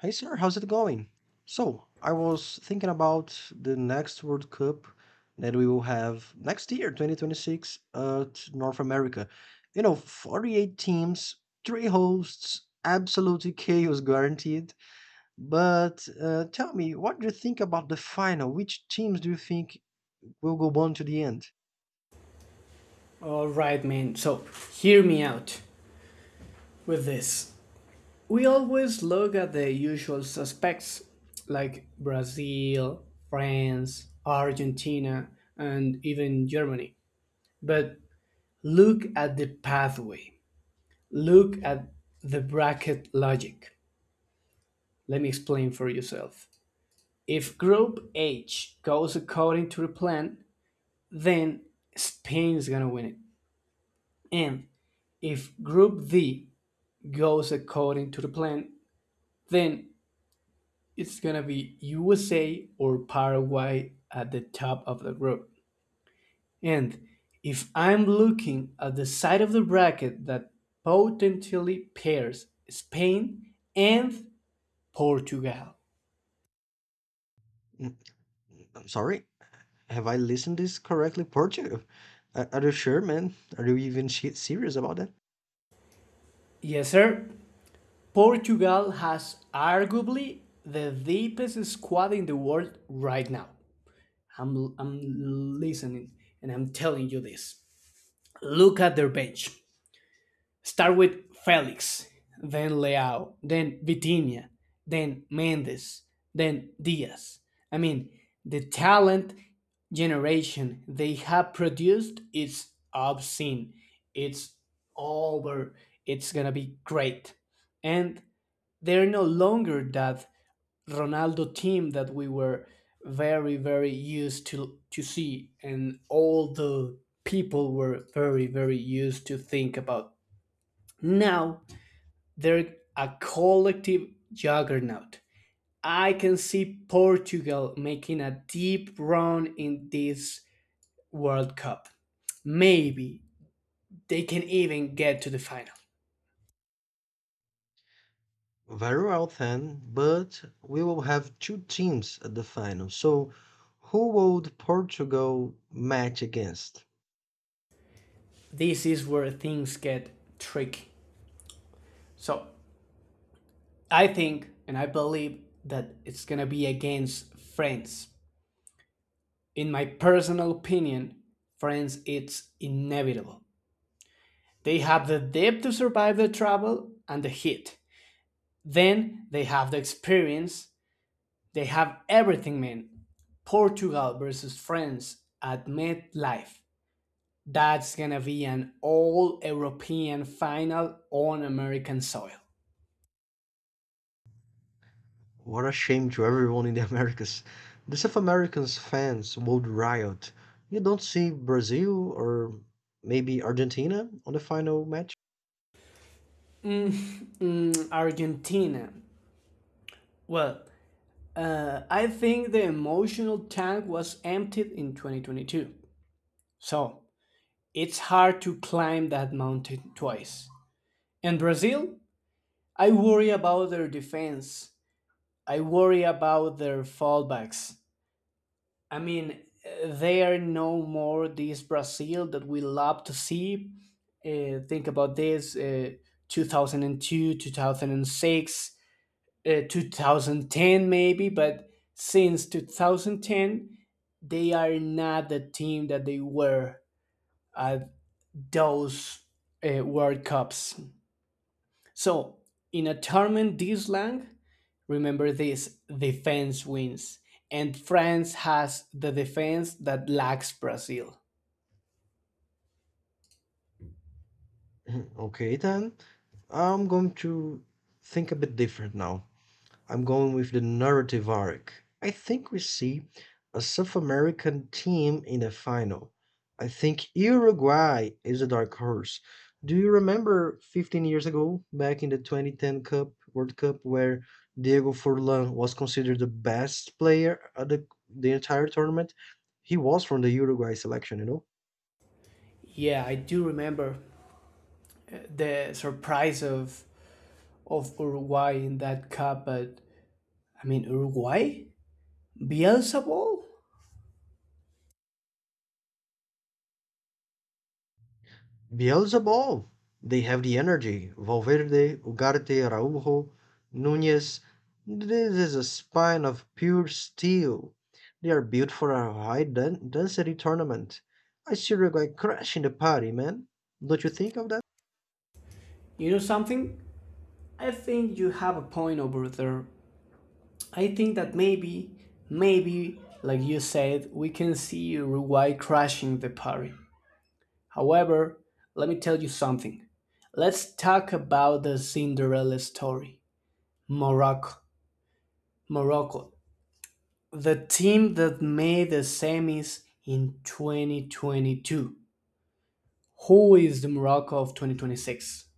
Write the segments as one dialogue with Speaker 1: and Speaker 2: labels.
Speaker 1: Hey sir, how's it going? So, I was thinking about the next World Cup that we will have next year, 2026, at North America. You know, 48 teams, three hosts, absolutely chaos guaranteed. But tell me, what do you think about the final? Which teams do you think will go on to the end?
Speaker 2: All right, man. So, hear me out with this. We always look at the usual suspects like Brazil, France, Argentina, and even Germany. But look at the pathway. Look at the bracket logic. Let me explain for yourself. If group H goes according to the plan, then Spain is going to win it. And if group D goes according to the plan, then it's going to be USA or Paraguay at the top of the group. And if I'm looking at the side of the bracket that potentially pairs Spain and Portugal.
Speaker 1: Mm, I'm sorry? Have I listened this correctly, Portugal? Are you sure, man? Are you even serious about that?
Speaker 2: Yes, sir. Portugal has arguably the deepest squad in the world right now. I'm listening, and I'm telling you this. Look at their bench. Start with Felix, then Leao, then Vitinha, then Mendes, then Diaz. I mean, the talent generation they have produced is obscene. It's over. It's gonna be great. And they're no longer that Ronaldo team that we were very, very used to see, and all the people were very, very used to think about. Now they're a collective juggernaut. I can see Portugal making a deep run in this World Cup. Maybe they can even get to the final.
Speaker 1: Very well, then. But we will have two teams at the final. So, who will Portugal match against?
Speaker 2: This is where things get tricky. So I think and I believe that it's gonna be against France. In my personal opinion, France it's inevitable. They have the depth to survive the travel and the heat. Then they have the experience. They have everything, man. Portugal versus France at MetLife. That's gonna be an all European final on American soil.
Speaker 1: What a shame to everyone in the Americas. The South Americans fans would riot. You don't see Brazil or maybe Argentina on the final match?
Speaker 2: Mm, Argentina. Well, I think the emotional tank was emptied in 2022. So it's hard to climb that mountain twice. And Brazil, I worry about their defense. I worry about their fallbacks. I mean, they are no more this Brazil that we love to see. Think about this 2002, 2006, 2010, maybe, but since 2010, they are not the team that they were at those World Cups. So, in a tournament this long, remember this defense wins, and France has the defense that lacks Brazil.
Speaker 1: Okay, then. I'm going to think a bit different now. I'm going with the narrative arc. I think we see a South American team in the final. I think Uruguay is a dark horse. Do you remember 15 years ago, back in the 2010 Cup World Cup, where Diego Forlan was considered the best player of the entire tournament? He was from the Uruguay selection, you know?
Speaker 2: Yeah, I do remember the surprise of Uruguay in that cup, but I mean Uruguay, Bielsa ball.
Speaker 1: Beelzebub. They have the energy. Valverde, Ugarte, Araujo, Nunez. This is a spine of pure steel. They are built for a high density tournament. I see your guy crashing the party, man. Don't you think of that?
Speaker 2: You know something? I think you have a point over there. I think that maybe, maybe, like you said, we can see Uruguay crashing the party. However, let me tell you something. Let's talk about the Cinderella story. Morocco. Morocco. The team that made the semis in 2022. Who is the Morocco of 2026?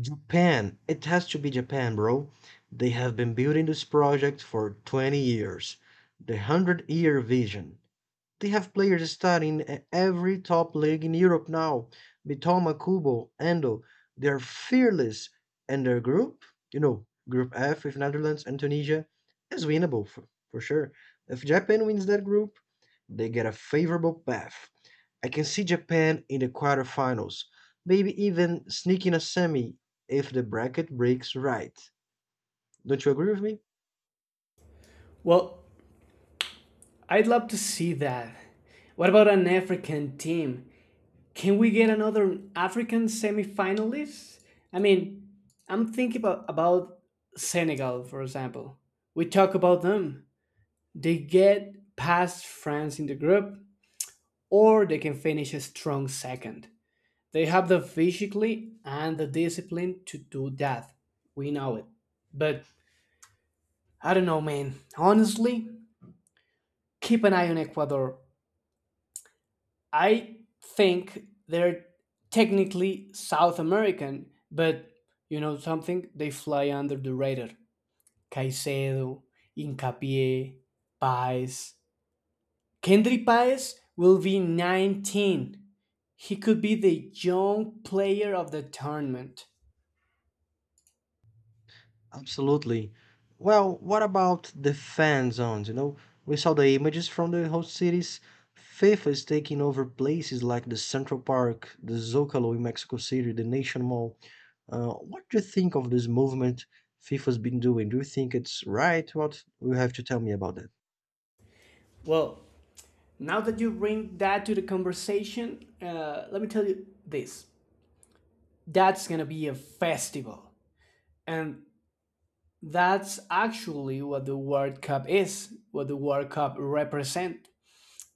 Speaker 1: Japan. It has to be Japan, bro. They have been building this project for 20 years. The 100-year vision. They have players starting at every top league in Europe now. Bitoma, Kubo, Endo, they're fearless, and their group, you know, Group F with Netherlands and Tunisia, is winnable for sure. If Japan wins that group, they get a favorable path. I can see Japan in the quarterfinals, maybe even sneaking a semi if the bracket breaks right. Don't you agree with me?
Speaker 2: Well, I'd love to see that. What about an African team? Can we get another African semifinalist? I mean, I'm thinking about Senegal, for example. We talk about them. They get past France in the group, or they can finish a strong second. They have the physically and the discipline to do that. We know it. But I don't know, man. Honestly, keep an eye on Ecuador. I think they're technically South American, but you know something? They fly under the radar. Caicedo, Incapié, Paez. Kendry Paez will be 19. He could be the young player of the tournament.
Speaker 1: Absolutely. Well, what about the fan zones? You know, we saw the images from the host cities. FIFA is taking over places like the Central Park, the Zocalo in Mexico City, the Nation Mall. What do you think of this movement FIFA's been doing? Do you think it's right? What you have to tell me about that?
Speaker 2: Well, now that you bring that to the conversation, let me tell you this. That's gonna be a festival. And that's actually what the World Cup is, what the World Cup represent.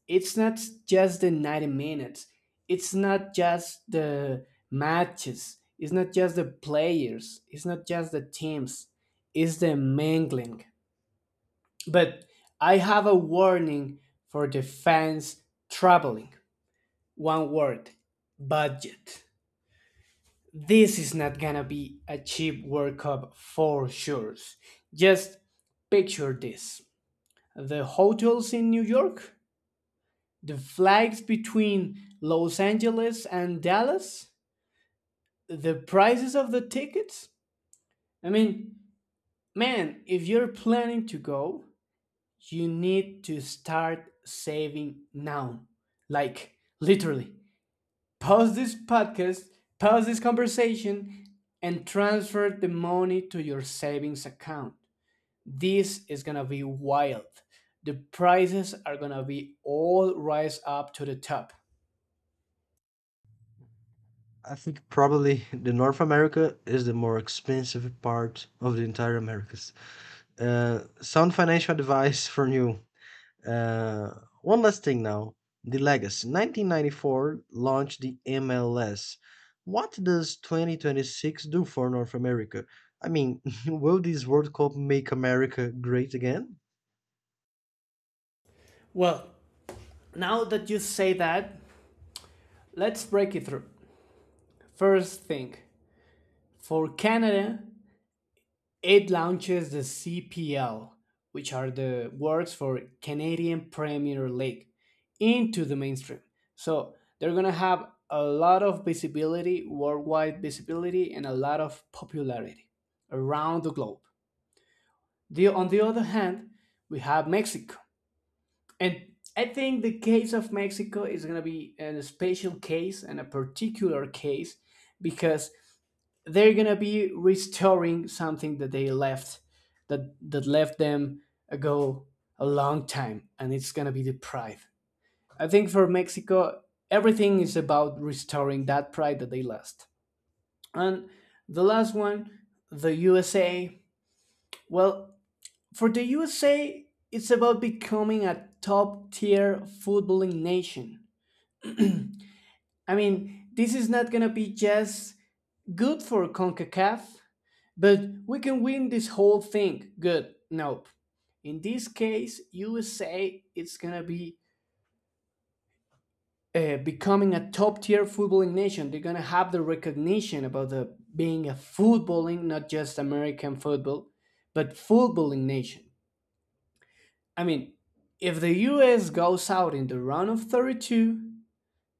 Speaker 2: It's not just the 90 minutes. It's not just the matches. It's not just the players. It's not just the teams. It's the mingling. But I have a warning for the fans traveling. One word: budget. This is not gonna be a cheap World Cup for sure. Just picture this: the hotels in New York, the flights between Los Angeles and Dallas, the prices of the tickets. I mean, man, if you're planning to go, you need to start saving now. Like, literally, pause this podcast, pause this conversation, and transfer the money to your savings account. This is gonna be wild. The prices are gonna be all rise up to the top.
Speaker 1: I think probably the North America is the more expensive part of the entire Americas. Sound financial advice from you. Uh, one last thing now. The legacy. 1994 launched the MLS. What does 2026 do for North America? I mean, will this World Cup make America great again?
Speaker 2: Well, now that you say that, let's break it through. First thing for Canada, it launches the CPL, which are the words for Canadian Premier League, into the mainstream. So they're going to have a lot of visibility, worldwide visibility, and a lot of popularity around the globe. On the other hand, we have Mexico. And I think the case of Mexico is going to be a special case and a particular case because they're gonna be restoring something that they left that left them ago a long time and it's gonna be the pride. I think for Mexico everything is about restoring that pride that they lost. And the last one, the USA. Well, for the USA, it's about becoming a top tier footballing nation. I mean, this is not gonna be just good for CONCACAF. But we can win this whole thing. Good. Nope. In this case, USA is gonna be becoming a top tier footballing nation. They're gonna have the recognition about the being a footballing, not just American football, but footballing nation. I mean, if the US goes out in the round of 32,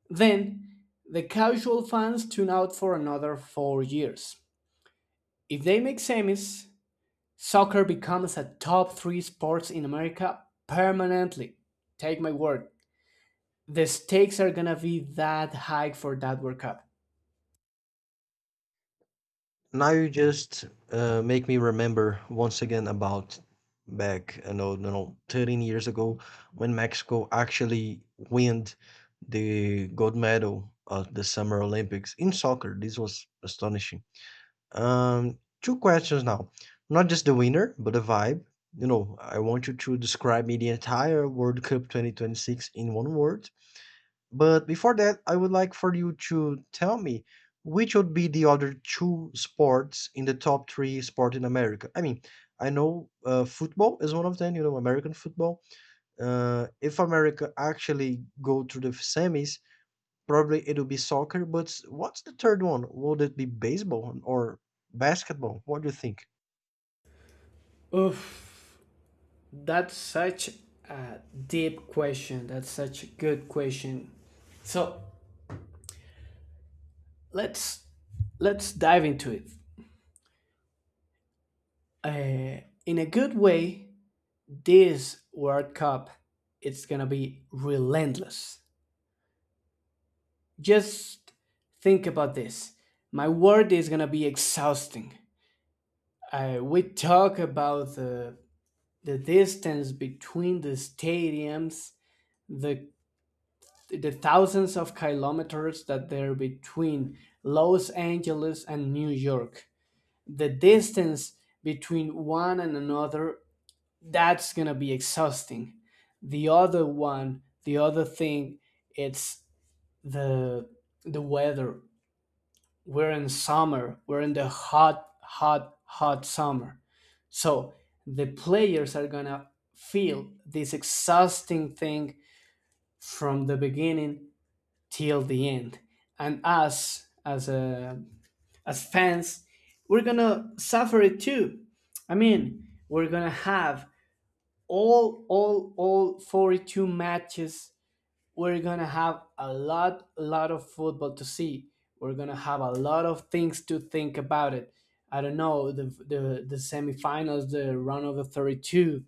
Speaker 2: then the casual fans tune out for another 4 years. If they make semis, soccer becomes a top three sports in America permanently. Take my word. The stakes are gonna be that high for that World Cup.
Speaker 1: Now you just make me remember once again about back, I know, you know, 13 years ago when Mexico actually won the gold medal of the Summer Olympics in soccer. This was astonishing. Two questions now. Not just the winner, but the vibe. You know, I want you to describe me the entire World Cup 2026 in one word, but before that, I would like for you to tell me which would be the other two sports in the top three sport in America. I mean, I know football is one of them. You know, American football. If America actually go to the semis, probably it'll be soccer. But what's the third one? Would it be baseball or basketball? What do you think?
Speaker 2: Oof, that's such a deep question. That's such a good question. So let's let's dive into it. Uh, in a good way, this World Cup it's gonna be relentless. Just think about this. My word is gonna be exhausting. We talk about the distance between the stadiums, the the thousands of kilometers that there are between Los Angeles and New York. The distance between one and another, that's gonna be exhausting. The other one, the other thing, it's the the weather. We're in summer. We're in the hot, hot, hot summer. So the players are gonna feel this exhausting thing from the beginning till the end, and us as a, as fans, we're gonna suffer it too. I mean, we're gonna have all 42 matches. We're gonna have a lot of football to see. We're gonna have a lot of things to think about it. I don't know, the semifinals, the round of the 32,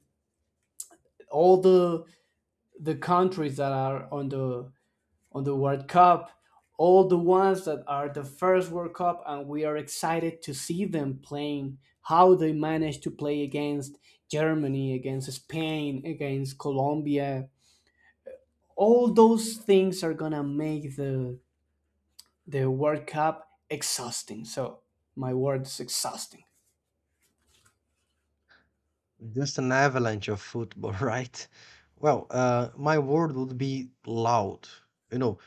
Speaker 2: all the countries that are on the World Cup, all the ones that are the first World Cup, and we are excited to see them playing. How they managed to play against Germany, against Spain, against Colombia. All those things are gonna make the World Cup exhausting. So my word is exhausting.
Speaker 1: Just an avalanche of football, right? Well, my word would be loud. You know,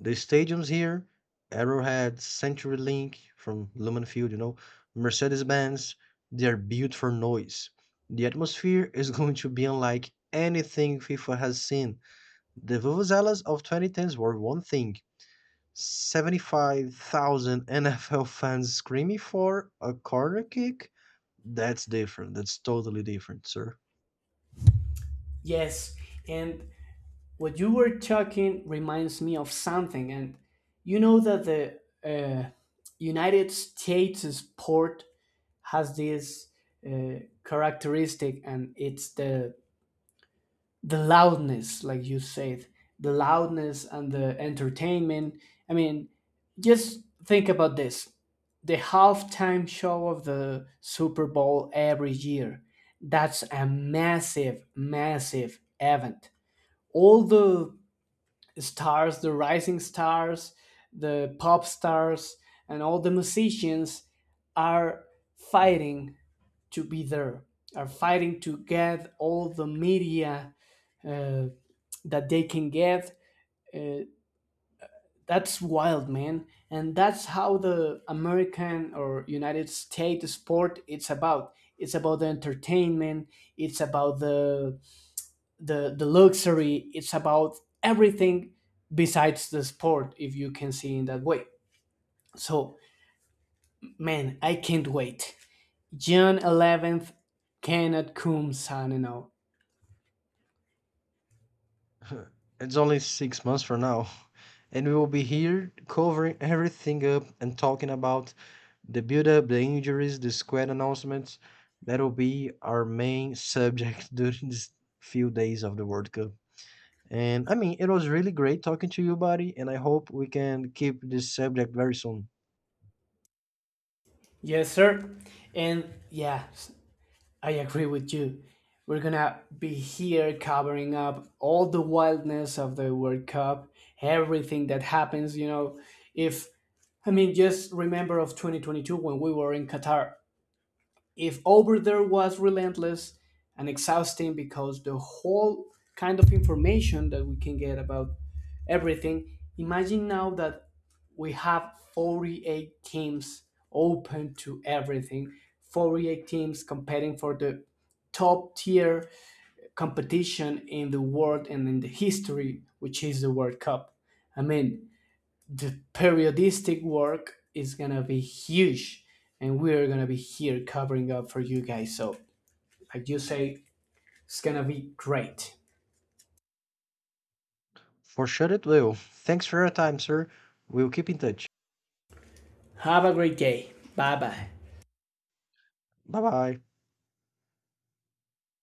Speaker 1: the stadiums here, Arrowhead, CenturyLink from Lumen Field, you know, Mercedes-Benz, they are built for noise. The atmosphere is going to be unlike anything FIFA has seen. The Vuvuzelas of 2010s were one thing. 75,000 NFL fans screaming for a corner kick? That's different. That's totally different, sir.
Speaker 2: Yes, and what you were talking reminds me of something. And you know that the uh, United States port has this uh, characteristic, and it's the loudness, like you said, the loudness and the entertainment. I mean, just think about this, the halftime show of the Super Bowl every year, that's a massive, massive event. All the stars, the rising stars, the pop stars, and all the musicians are fighting to be there, are fighting to get all the media uh, that they can get. Uh, that's wild, man, and that's how the American or United States sport it's about. It's about the entertainment. It's about the the luxury, it's about everything besides the sport, if you can see in that way. So, man, I can't wait. June 11th cannot come. Signing out.
Speaker 1: It's only 6 months from now, and we will be here covering everything up and talking about the build up, the injuries, the squad announcements. That will be our main subject during these few days of the World Cup. And I mean, it was really great talking to you, buddy, and I hope we can keep this subject very soon.
Speaker 2: Yes, sir. And yeah, I agree with you. We're gonna be here covering up all the wildness of the World Cup, everything that happens, you know. If, I mean, just remember of 2022 when we were in Qatar, if over there was relentless and exhausting because the whole kind of information that we can get about everything, imagine now that we have 48 teams open to everything, 48 teams competing for the top tier competition in the world and in the history, which is the World Cup. I mean, the periodistic work is gonna be huge, and we're gonna be here covering up for you guys. So, like you say, it's gonna be great.
Speaker 1: For sure it will. Thanks for your time, sir. We'll keep in touch.
Speaker 2: Have a great day. Bye bye.
Speaker 1: Bye bye.